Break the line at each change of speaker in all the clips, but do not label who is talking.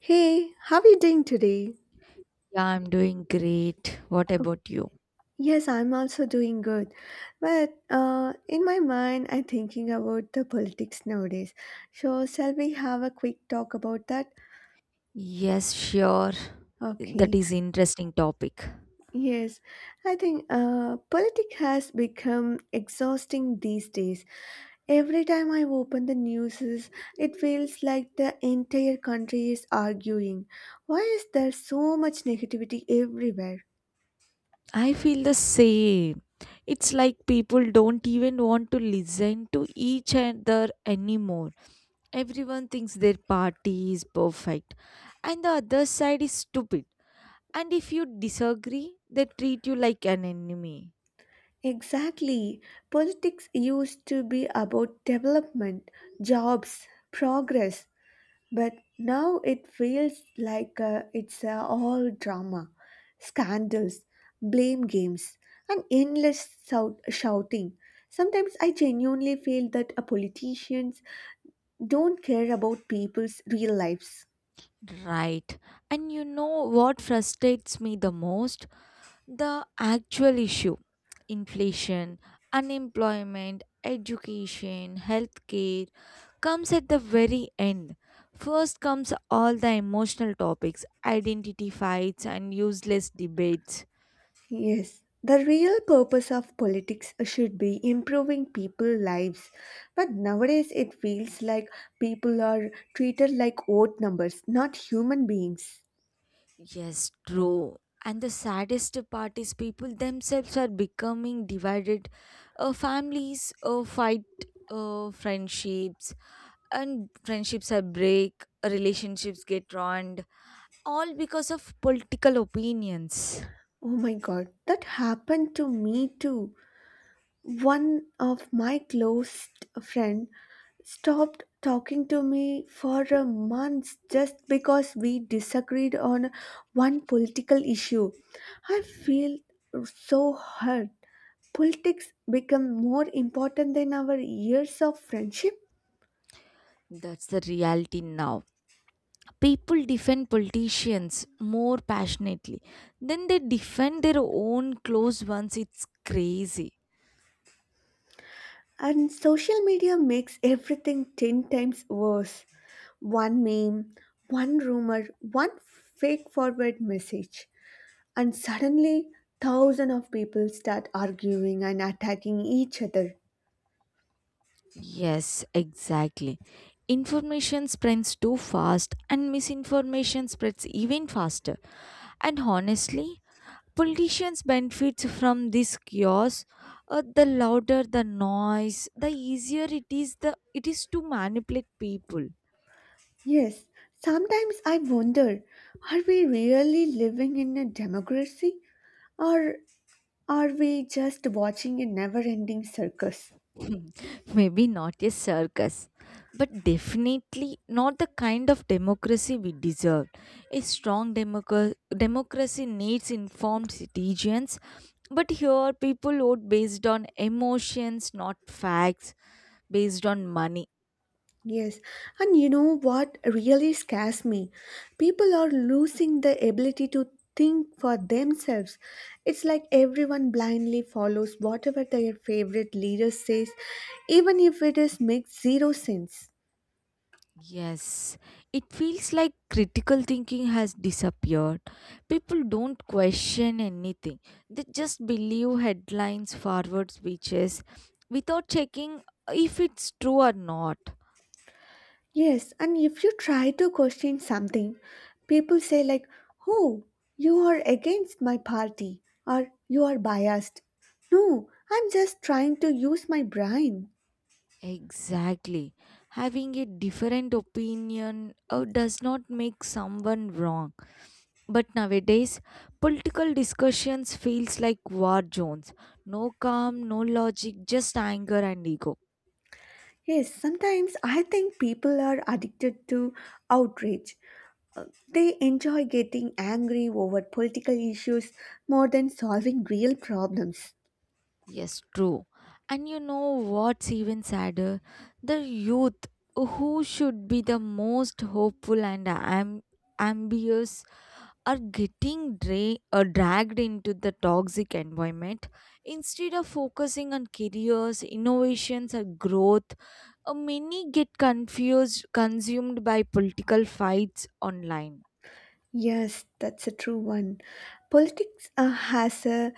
Hey, how are you doing today?
Yeah, I'm doing great. What
Oh,
about you?
yes, I'm also doing good. But in my mind, I'm thinking about the politics nowadays. So, shall we have a quick talk about that?
Yes, sure. That
Okay.
is interesting topic.
Yes, I think politics has become exhausting these days. Every time I open the news, it feels like the entire country is arguing. Why is there so much negativity everywhere?
I feel the same. It's like people don't even want to listen to each other anymore. Everyone thinks their party is perfect and the other side is stupid. And if you disagree, they treat you like an enemy.
Exactly. Politics used to be about development, jobs, progress, but now it feels like it's all drama, scandals, blame games, and endless shouting. Sometimes I genuinely feel that politicians don't care about people's real lives.
Right. And you know what frustrates me the most? The actual issue inflation, unemployment, education, healthcare comes at the very end. First comes all the emotional topics, identity fights, and useless debates.
Yes, the real purpose of politics should be improving people's lives. But nowadays it feels like people are treated like vote numbers, not human beings.
Yes, true. And the saddest part is people themselves are becoming divided. Families fight, friendships, and friendships are break, relationships get ruined, all because of political opinions.
Oh my god, that happened to me too. One of my close friend stopped talking to me for a month just because we disagreed on one political issue. I feel so hurt. Politics become more important than our years of friendship,
That's the reality now. People defend politicians more passionately than they defend their own close ones. It's crazy.
and social media makes everything 10 times worse. One meme, one rumor, one fake forward message, and suddenly thousands of people start arguing and attacking each other.
Yes, exactly. Information spreads too fast and misinformation spreads even faster. And honestly, politicians benefit from this chaos. The louder the noise, the easier it is to manipulate people.
Yes, sometimes I wonder, are we really living in a democracy, or are we just watching a never ending circus?
Maybe not a circus, but definitely not the kind of democracy we deserve. A strong democracy needs informed citizens, but here people vote based on emotions, not facts, based on money.
Yes, and you know what really scares me? People are losing the ability to think for themselves. It's like everyone blindly follows whatever their favorite leader says, even if it is makes zero sense.
Yes, it feels like critical thinking has disappeared. People don't question anything, they just believe headlines, forward speeches, without checking if it's true or not.
Yes, and if you try to question something, people say like, "Oh, you are against my party," or "You are biased." No, I'm just trying to use my brain.
Exactly. Having a different opinion does not make someone wrong. But nowadays, political discussions feels like war zones. No calm, no logic, just anger and ego.
Yes, sometimes I think people are addicted to outrage. They enjoy getting angry over political issues more than solving real problems.
Yes, true. And you know what's even sadder? The youth who should be the most hopeful and ambitious are getting dragged into the toxic environment. Instead of focusing on careers, innovations, or growth, many get confused, consumed by political fights online.
Yes, that's a true one. Politics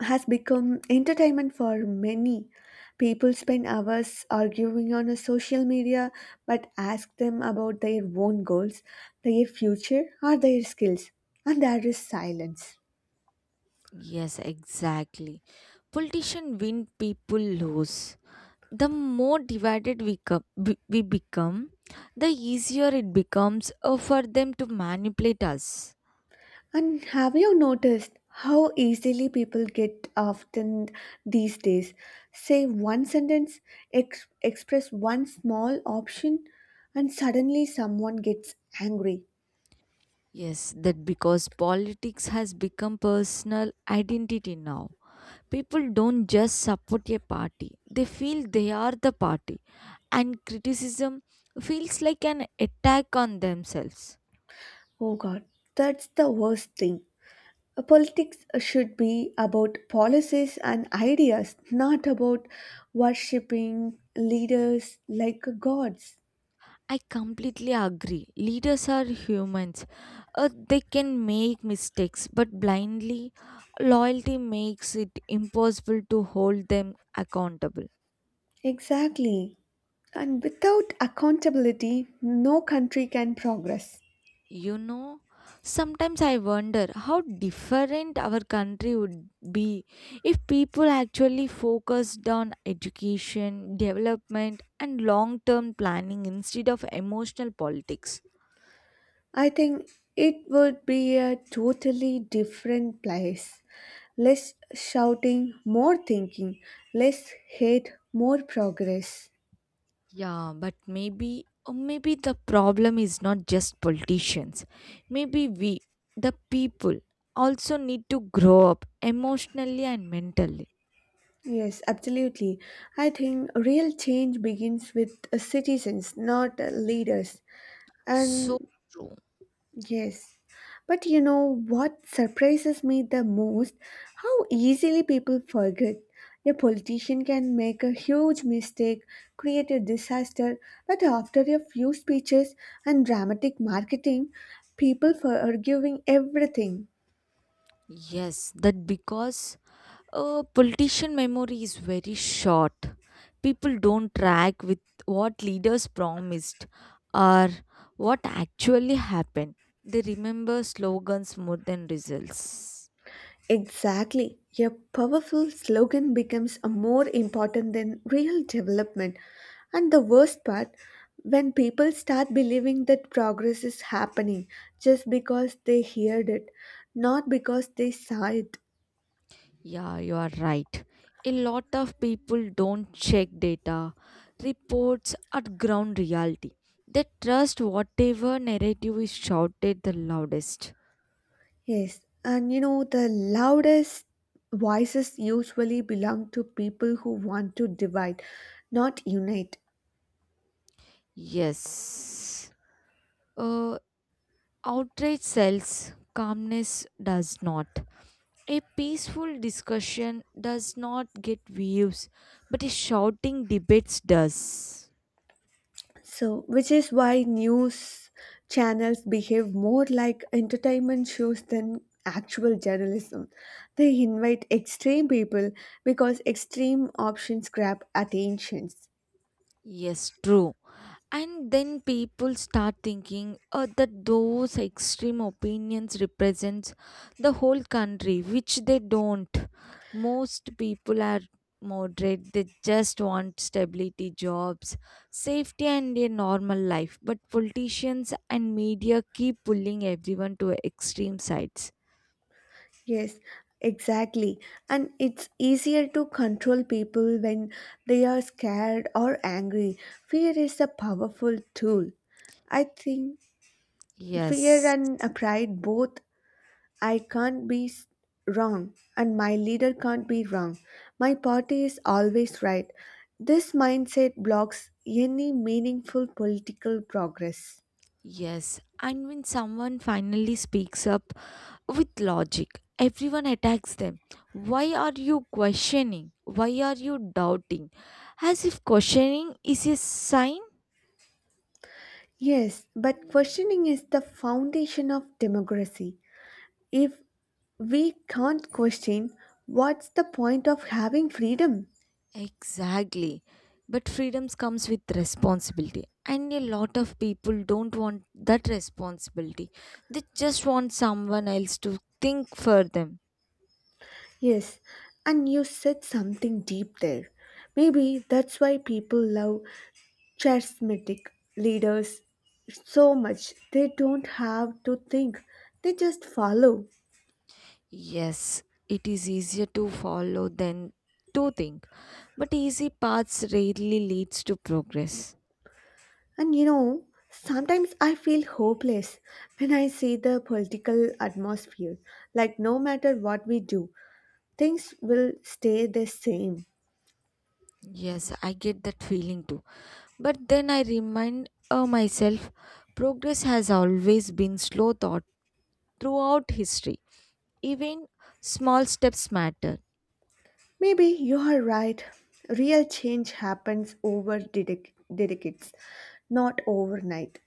has become entertainment for many. People spend hours arguing on a social media, but ask them about their own goals, their future, or their skills, and there is silence.
Yes, exactly. Politicians win, people lose. The more divided we, co- we become, the easier it becomes for them to manipulate us.
And have you noticed how easily people get often these days? Say one sentence, express one small option, and suddenly someone gets angry.
Yes, that because politics has become personal identity now. People don't just support a party, they feel they are the party, and criticism feels like an attack on themselves.
Oh god, that's the worst thing. Politics should be about policies and ideas, not about worshipping leaders like gods.
I completely agree. Leaders are humans. They can make mistakes, but blindly, loyalty makes it impossible to hold them accountable.
Exactly. And without accountability, no country can progress.
You know, sometimes I wonder how different our country would be if people actually focused on education, development, and long term planning instead of emotional politics.
I think it would be a totally different place. Less shouting, more thinking, less hate, more progress.
Yeah, but maybe or maybe the problem is not just politicians. Maybe we, the people, also need to grow up emotionally and mentally.
Yes, absolutely. I think real change begins with citizens, not leaders.
So
And
true.
yes. But you know what surprises me the most? How easily people forget. A politician can make a huge mistake, create a disaster, but after a few speeches and dramatic marketing, people forgiving everything.
Yes, that because politician memory is very short. People don't track with what leaders promised or what actually happened. They remember slogans more than results.
Exactly. A powerful slogan becomes a more important than real development. And the worst part, when people start believing that progress is happening just because they heard it, not because they saw it.
Yeah, you are right. A lot of people don't check data, reports, or ground reality. They trust whatever narrative is shouted the loudest.
Yes, and you know, the loudest voices usually belong to people who want to divide, not unite.
Yes. Uh, outrage sells, calmness does not. A peaceful discussion does not get views, but a shouting debates does.
So, which is why news channels behave more like entertainment shows than actual journalism. They invite extreme people because extreme options grab attentions.
Yes, true. And then people start thinking that those extreme opinions represents the whole country, which they don't. Most people are moderate. They just want stability, jobs, safety, and a normal life. But politicians and media keep pulling everyone to extreme sides.
Yes, exactly. And it's easier to control people when they are scared or angry. Fear is a powerful tool. I think fear
Yes.
and pride both, I can't be s- wrong, and my leader can't be wrong. My party is always right. This mindset blocks any meaningful political progress.
Yes. And when someone finally speaks up, with logic. Everyone attacks them. Why are you questioning? Why are you doubting? As if questioning is a sign?
Yes, but questioning is the foundation of democracy. If we can't question, what's the point of having freedom?
Exactly. But freedoms comes with responsibility. And a lot of people don't want that responsibility. They just want someone else to think for them.
Yes, and you said something deep there. Maybe that's why people love charismatic leaders so much, they don't have to think, they just follow.
Yes, it is easier to follow than to think. But easy paths rarely leads to progress.
And you know, sometimes I feel hopeless when I see the political atmosphere, like no matter what we do, things will stay the same.
Yes, I get that feeling too. But then I remind myself progress has always been slow thought throughout history. Even small steps matter.
Maybe you are right, real change happens over decades, not overnight.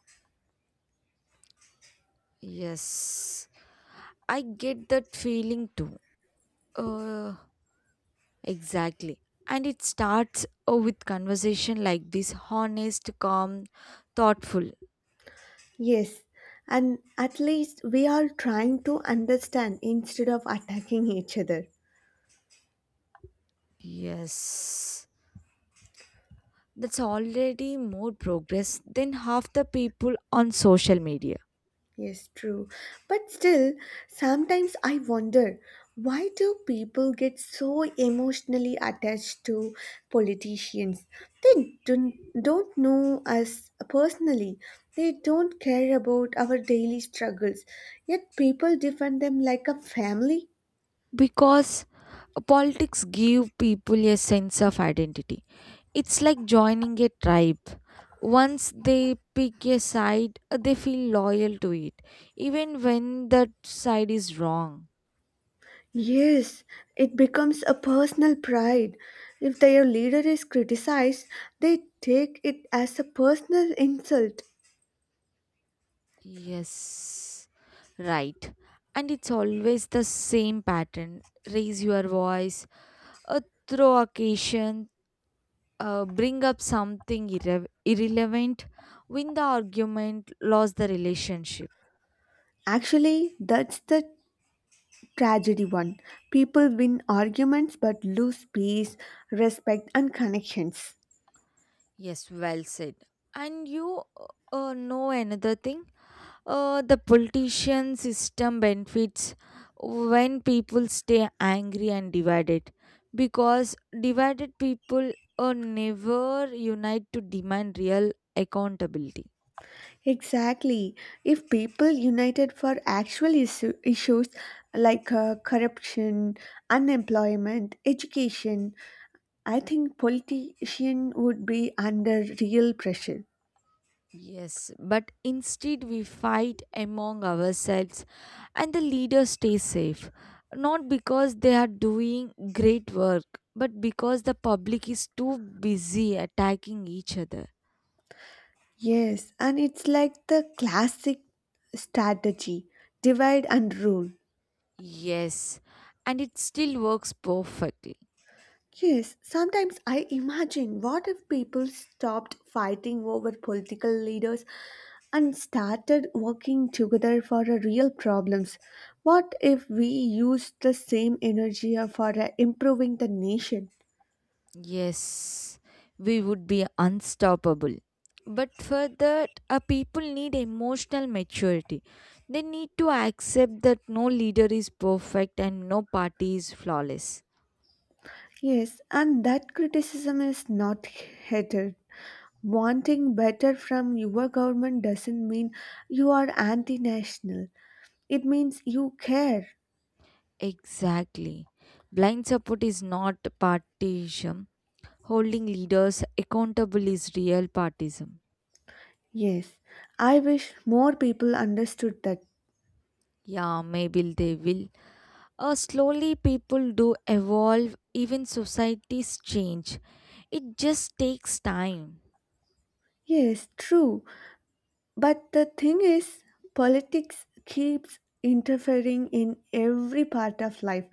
Yes, I get that feeling too. Uh, exactly. And it starts with conversation like this honest, calm, thoughtful.
Yes, and at least we are trying to understand instead of attacking each other.
Yes, that's already more progress than half the people on social media.
Yes, true. But still, sometimes I wonder, why do people get so emotionally attached to politicians? They don't know us personally. They don't care about our daily struggles. Yet people defend them like a family.
Because politics give people a sense of identity. It's like joining a tribe. Once they pick a side, they feel loyal to it, even when that side is wrong.
Yes, it becomes a personal pride. If their leader is criticized, they take it as a personal insult.
Yes, right. And it's always the same pattern. Raise your voice, uh, throw occasion, bring up something irrelevant, win the argument, lose the relationship.
Actually, that's the tragedy one. People win arguments but lose peace, respect, and connections.
Yes, well said. And you know another thing? The politician system benefits when people stay angry and divided because divided people never unite to demand real accountability.
Exactly. If people united for actual issues like corruption, unemployment, education, I think politicians would be under real pressure.
Yes, but instead we fight among ourselves and the leaders stay safe not because they are doing great work but because the public is too busy attacking each other.
Yes, and it's like the classic strategy, divide and rule.
Yes, and it still works perfectly.
Yes, sometimes I imagine what if people stopped fighting over political leaders and started working together for our real problems? What if we used the same energy for improving the nation?
Yes, we would be unstoppable. But for that, people need emotional maturity. They need to accept that no leader is perfect and no party is flawless.
Yes, and that criticism is not hated. Wanting better from your government doesn't mean you are anti national. It means you care.
Exactly. Blind support is not partisan. Holding leaders accountable is real partisan.
Yes, I wish more people understood that.
Yeah, maybe they will. Slowly, people do evolve, even societies change. It just takes time
Yes, true. But the thing is, politics keeps interfering in every part of life,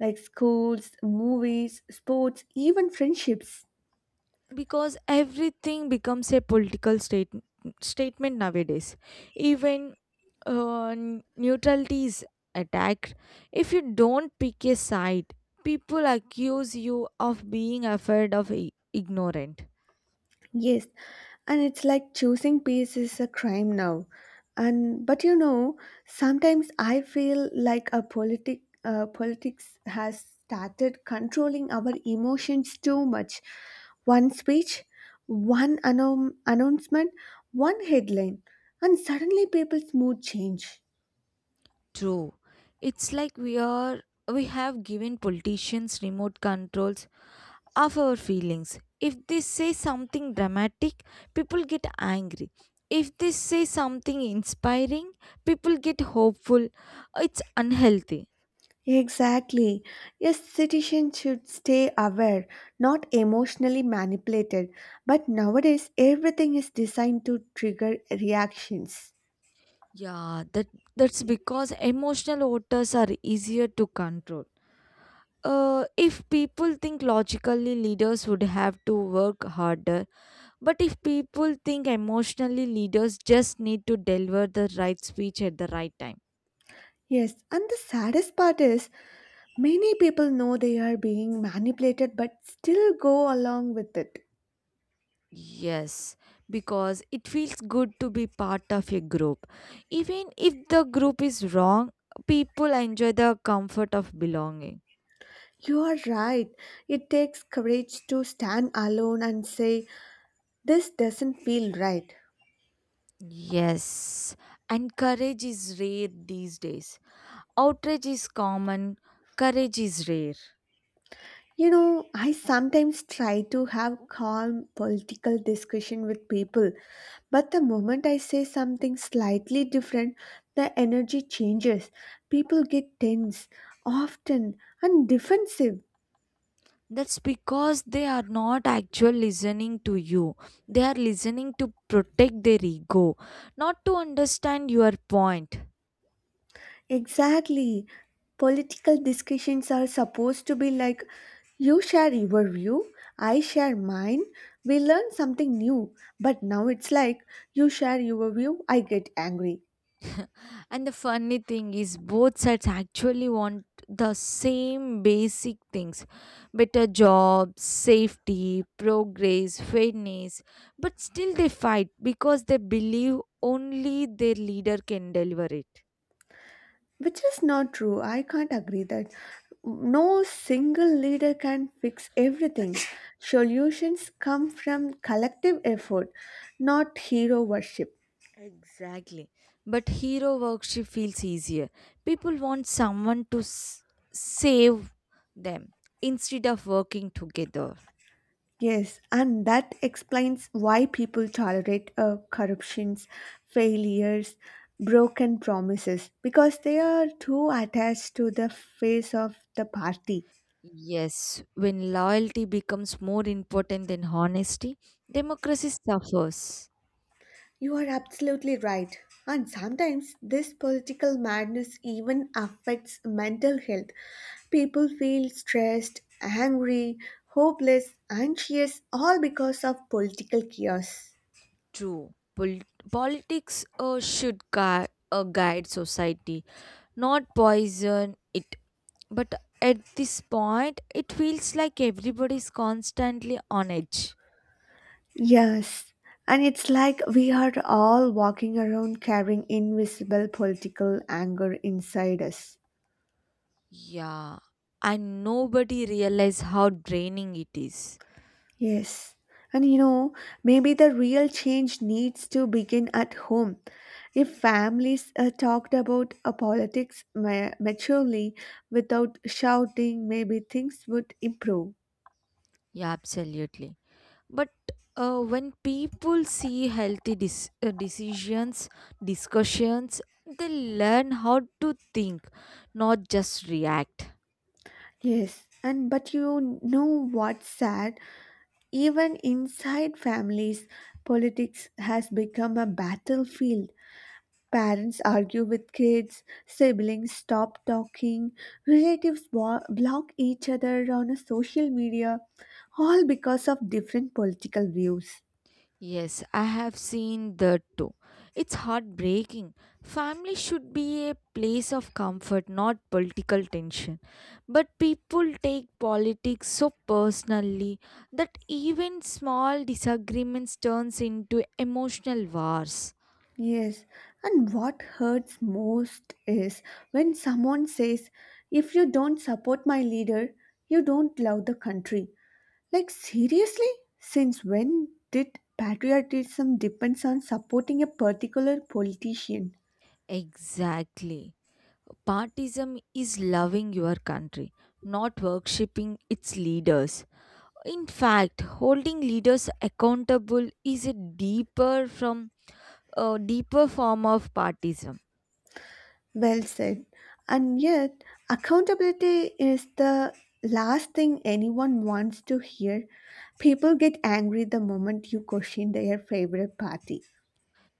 like schools, movies, sports, even friendships.
because everything becomes a political statement nowadays even uh, neutrality is attacked. If you don't pick a side people accuse you of being afraid of ignorant.
Yes, and it's like choosing peace is a crime now. And but you know, sometimes I feel like a politics has started controlling our emotions too much. One speech, one announcement, one headline, and suddenly people's mood change.
True. It's like we have given politicians remote controls of our feelings. If they say something dramatic, people get angry. If they say something inspiring, people get hopeful. It's unhealthy.
Exactly. Yes, citizens should stay aware, not emotionally manipulated. But nowadays, everything is designed to trigger reactions.
Yeah, that's because emotional voters are easier to control. If people think logically, leaders would have to work harder. But if people think emotionally, leaders just need to deliver the right speech at the right time.
Yes, and the saddest part is many people know they are being manipulated but still go along with it.
Yes, because it feels good to be part of a group. Even if the group is wrong, people enjoy the comfort of belonging.
You are right. It takes courage to stand alone and say, "This doesn't feel right."
Yes, and courage is rare these days. Outrage is common, courage is rare.
You know, I sometimes try to have calm political discussion with people, but the moment I say something slightly different, the energy changes. People get tense, often, and defensive.
That's because they are not actually listening to you. They are listening to protect their ego, not to understand your point.
Exactly. Political discussions are supposed to be like you share your view, I share mine, we learn something new. But now it's like you share your view, I get angry.
And the funny thing is, both sides actually want the same basic things better jobs, safety, progress, fairness. But still, they fight because they believe only their leader can deliver it.
Which is not true. I can't agree that no single leader can fix everything. Solutions come from collective effort, not hero worship.
Exactly. But hero worship feels easier. People want someone to save them instead of working together.
Yes, and that explains why people tolerate corruptions, failures, broken promises because they are too attached to the face of the party.
Yes, when loyalty becomes more important than honesty, democracy suffers.
You are absolutely right. And sometimes this political madness even affects mental health. People feel stressed, angry, hopeless, anxious, all because of political chaos.
True. Politics should guide society, not poison it. But at this point, it feels like everybody's constantly on edge.
Yes, and it's like we are all walking around carrying invisible political anger inside us.
Yeah, and nobody realizes how draining it is.
Yes. And you know, maybe the real change needs to begin at home. If families talked about politics maturely without shouting, maybe things would improve.
Yeah, absolutely. But when people see healthy discussions, they learn how to think, not just react.
Yes. And but you know what's sad? Even inside families, politics has become a battlefield. Parents argue with kids, siblings stop talking, relatives block each other on a social media, all because of different political views.
Yes, I have seen that too. It's heartbreaking. Family should be a place of comfort, not political tension. But people take politics so personally that even small disagreements turns into emotional wars.
Yes, and what hurts most is when someone says, "If you don't support my leader, you don't love the country." Like, seriously? Since when did patriotism depends on supporting a particular politician?
Exactly. Partism is loving your country, not worshipping its leaders. In fact, holding leaders accountable is a deeper form of partism.
Well said. And yet, accountability is the last thing anyone wants to hear. People get angry the moment you question their favorite party.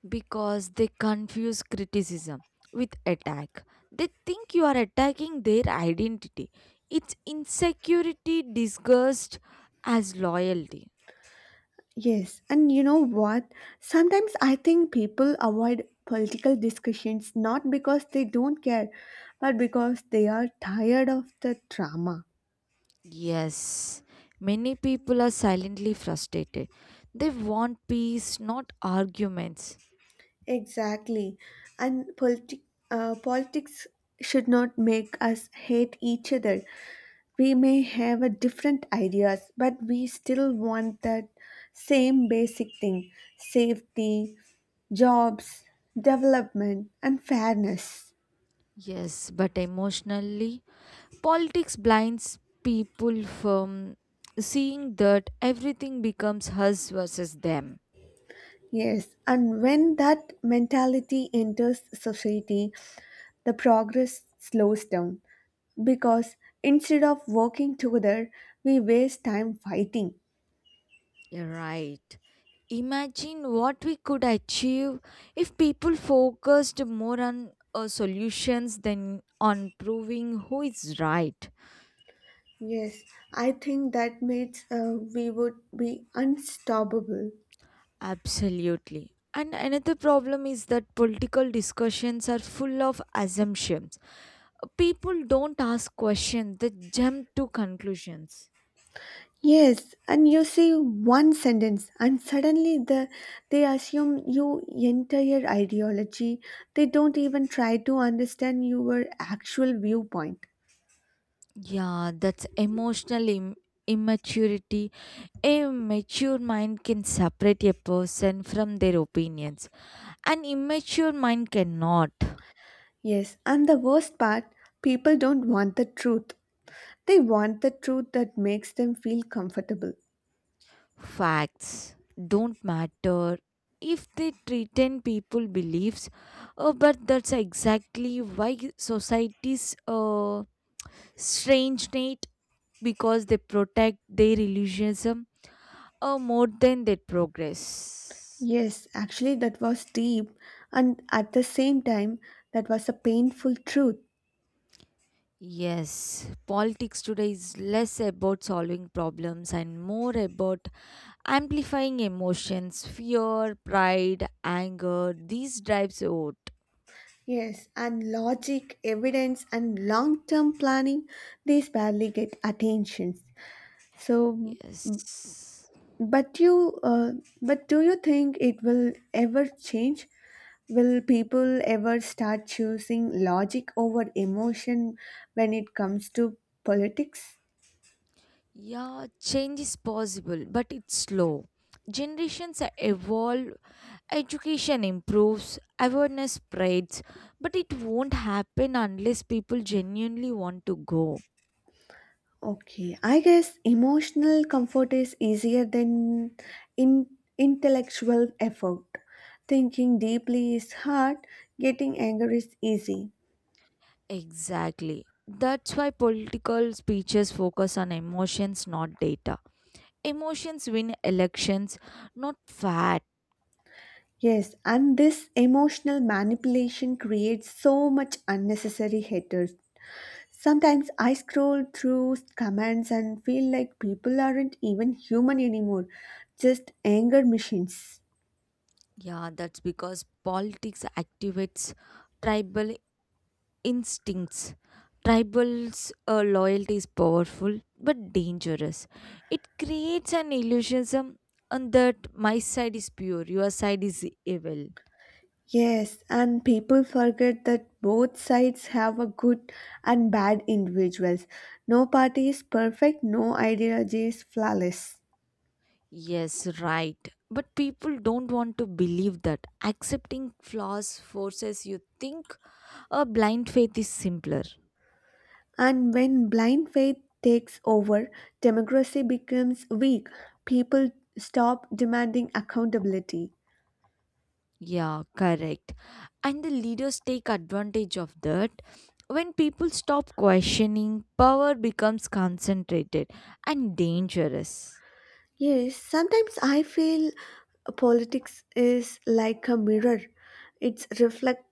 Because they confuse criticism with attack. They think you are attacking their identity. It's insecurity disguised as loyalty.
Yes, and you know what? Sometimes I think people avoid political discussions not because they don't care, but because they are tired of the drama.
Yes, many people are silently frustrated. They want peace, not arguments.
Exactly. And politics should not make us hate each other. We may have a different ideas, but we still want that same basic thing, safety, jobs, development, and fairness.
Yes, but emotionally, politics blinds people from seeing that everything becomes us versus them.
Yes, and when that mentality enters society, the progress slows down because instead of working together, we waste time fighting.
You're right. Imagine what we could achieve if people focused more on solutions than on proving who is right.
Yes, I think that means we would be unstoppable.
Absolutely. And another problem is that political discussions are full of assumptions. People don't ask questions, they jump to conclusions.
Yes, and you say one sentence, and suddenly they assume your entire ideology. They don't even try to understand your actual viewpoint.
Yeah, that's emotional immaturity. A mature mind can separate a person from their opinions, an immature mind cannot.
Yes, and the worst part, people don't want the truth. They want the truth that makes them feel comfortable.
Facts don't matter if they threaten people beliefs. But that's exactly why societies strangenate because they protect their illusionism more than their progress.
Yes, actually, that was deep, and at the same time, that was a painful truth.
Yes, politics today is less about solving problems and more about amplifying emotions fear pride anger these drives out.
Yes, and logic, evidence, and long term planning, these barely get attention. So,
Yes.
but but do you think it will ever change? Will people ever start choosing logic over emotion when it comes to politics?
Yeah, change is possible, but it's slow. Generations evolve, education improves, awareness spreads, but it won't happen unless people genuinely want to go.
Okay, I guess emotional comfort is easier than in intellectual effort. Thinking deeply is hard, getting angry is easy.
Exactly. That's why political speeches focus on emotions, not data. Emotions win elections, not fact.
Yes, and this emotional manipulation creates so much unnecessary haters. Sometimes I scroll through comments and feel like people aren't even human anymore, just anger machines.
Yeah, that's because politics activates tribal. Instincts. Tribal's loyalty is powerful but dangerous. It creates an illusionism, on that my side is pure, your side is evil.
Yes, and people forget that both sides have a good and bad individuals. No party is perfect, no ideology is flawless.
Yes, right. But people don't want to believe that. Accepting flaws forces you think a blind faith is simpler.
And when blind faith takes over, democracy becomes weak. People stop demanding accountability.
Yeah, correct. And the leaders take advantage of that. When people stop questioning, power becomes concentrated and dangerous.
Yes, sometimes I feel politics is like a mirror. It reflects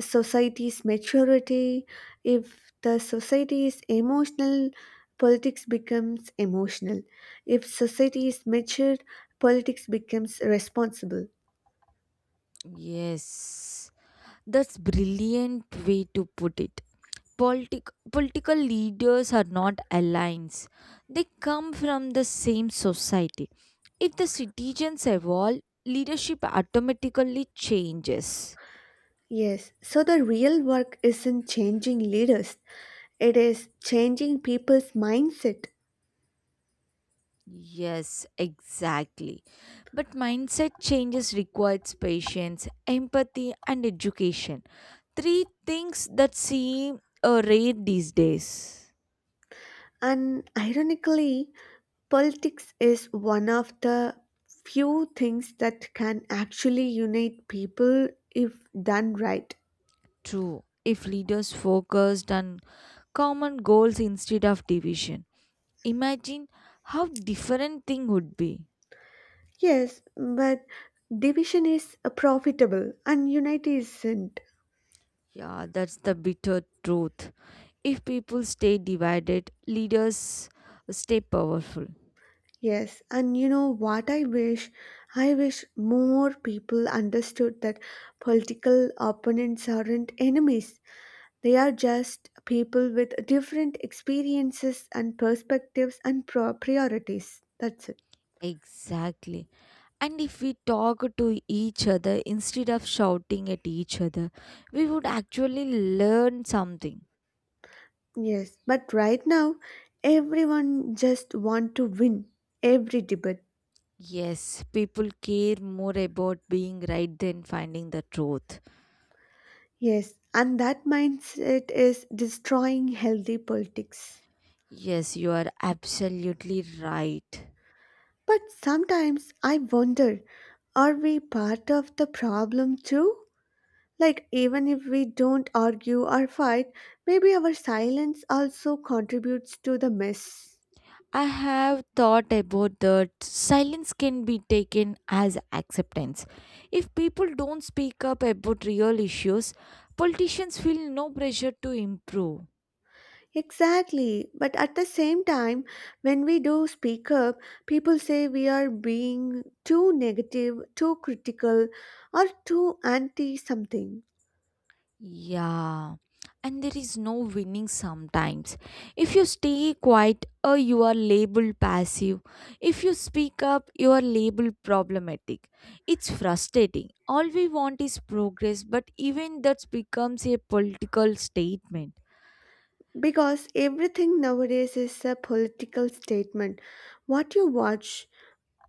society's maturity. If the society is emotional, politics becomes emotional. If society is mature, politics becomes responsible.
Yes, that's brilliant way to put it. Politic, political leaders are not alliance. They come from the same society. If the citizens evolve, leadership automatically changes.
Yes, so the real work isn't changing leaders, it is changing people's mindset.
Yes, exactly. But mindset changes requires patience, empathy, and education. Three things that seem rare these days.
And ironically, politics is one of the few things that can actually unite people if done right.
True, if leaders focused on common goals instead of division, imagine how different thing would be.
Yes, but division is profitable and unity isn't.
Yeah, that's the bitter truth. If people stay divided, leaders stay powerful.
Yes, and you know what I wish? I wish more people understood that political opponents aren't enemies. They are just people with different experiences and perspectives and priorities. That's it.
Exactly. And if we talk to each other instead of shouting at each other, we would actually learn something.
Yes, but right now everyone just want to win every debate.
Yes, people care more about being right than finding the truth.
Yes, and that mindset is destroying healthy politics.
Yes, you are absolutely right.
But sometimes I wonder, are we part of the problem too? Like even if we don't argue or fight, maybe our silence also contributes to the mess.
I have thought about that silence can be taken as acceptance. If people don't speak up about real issues, politicians feel no pressure to improve.
Exactly. But at the same time, when we do speak up, people say we are being too negative, too critical, or too anti something.
Yeah, and there is no winning sometimes. If you stay quiet, you are labeled passive. If you speak up, you are labeled problematic. It's frustrating. All we want is progress, but even that becomes a political statement.
Because everything nowadays is a political statement. What you watch,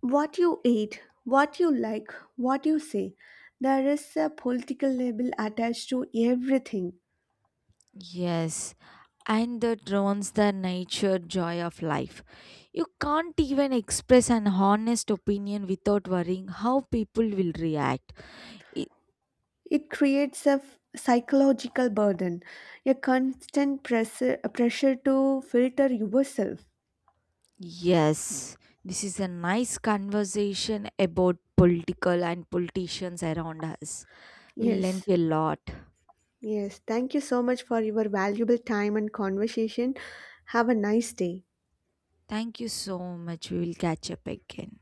what you eat, what you like, what you say. There is a political label attached to everything.
Yes, and that ruins the nature joy of life. You can't even express an honest opinion without worrying how people will react. I-
It creates a psychological burden, a constant pressure to filter yourself.
Yes, this is a nice conversation about political and politicians around us. We learned
Yes,
a lot.
yes. Thank you so much for your valuable time and conversation. Have a nice day.
Thank you so much. We will catch up again.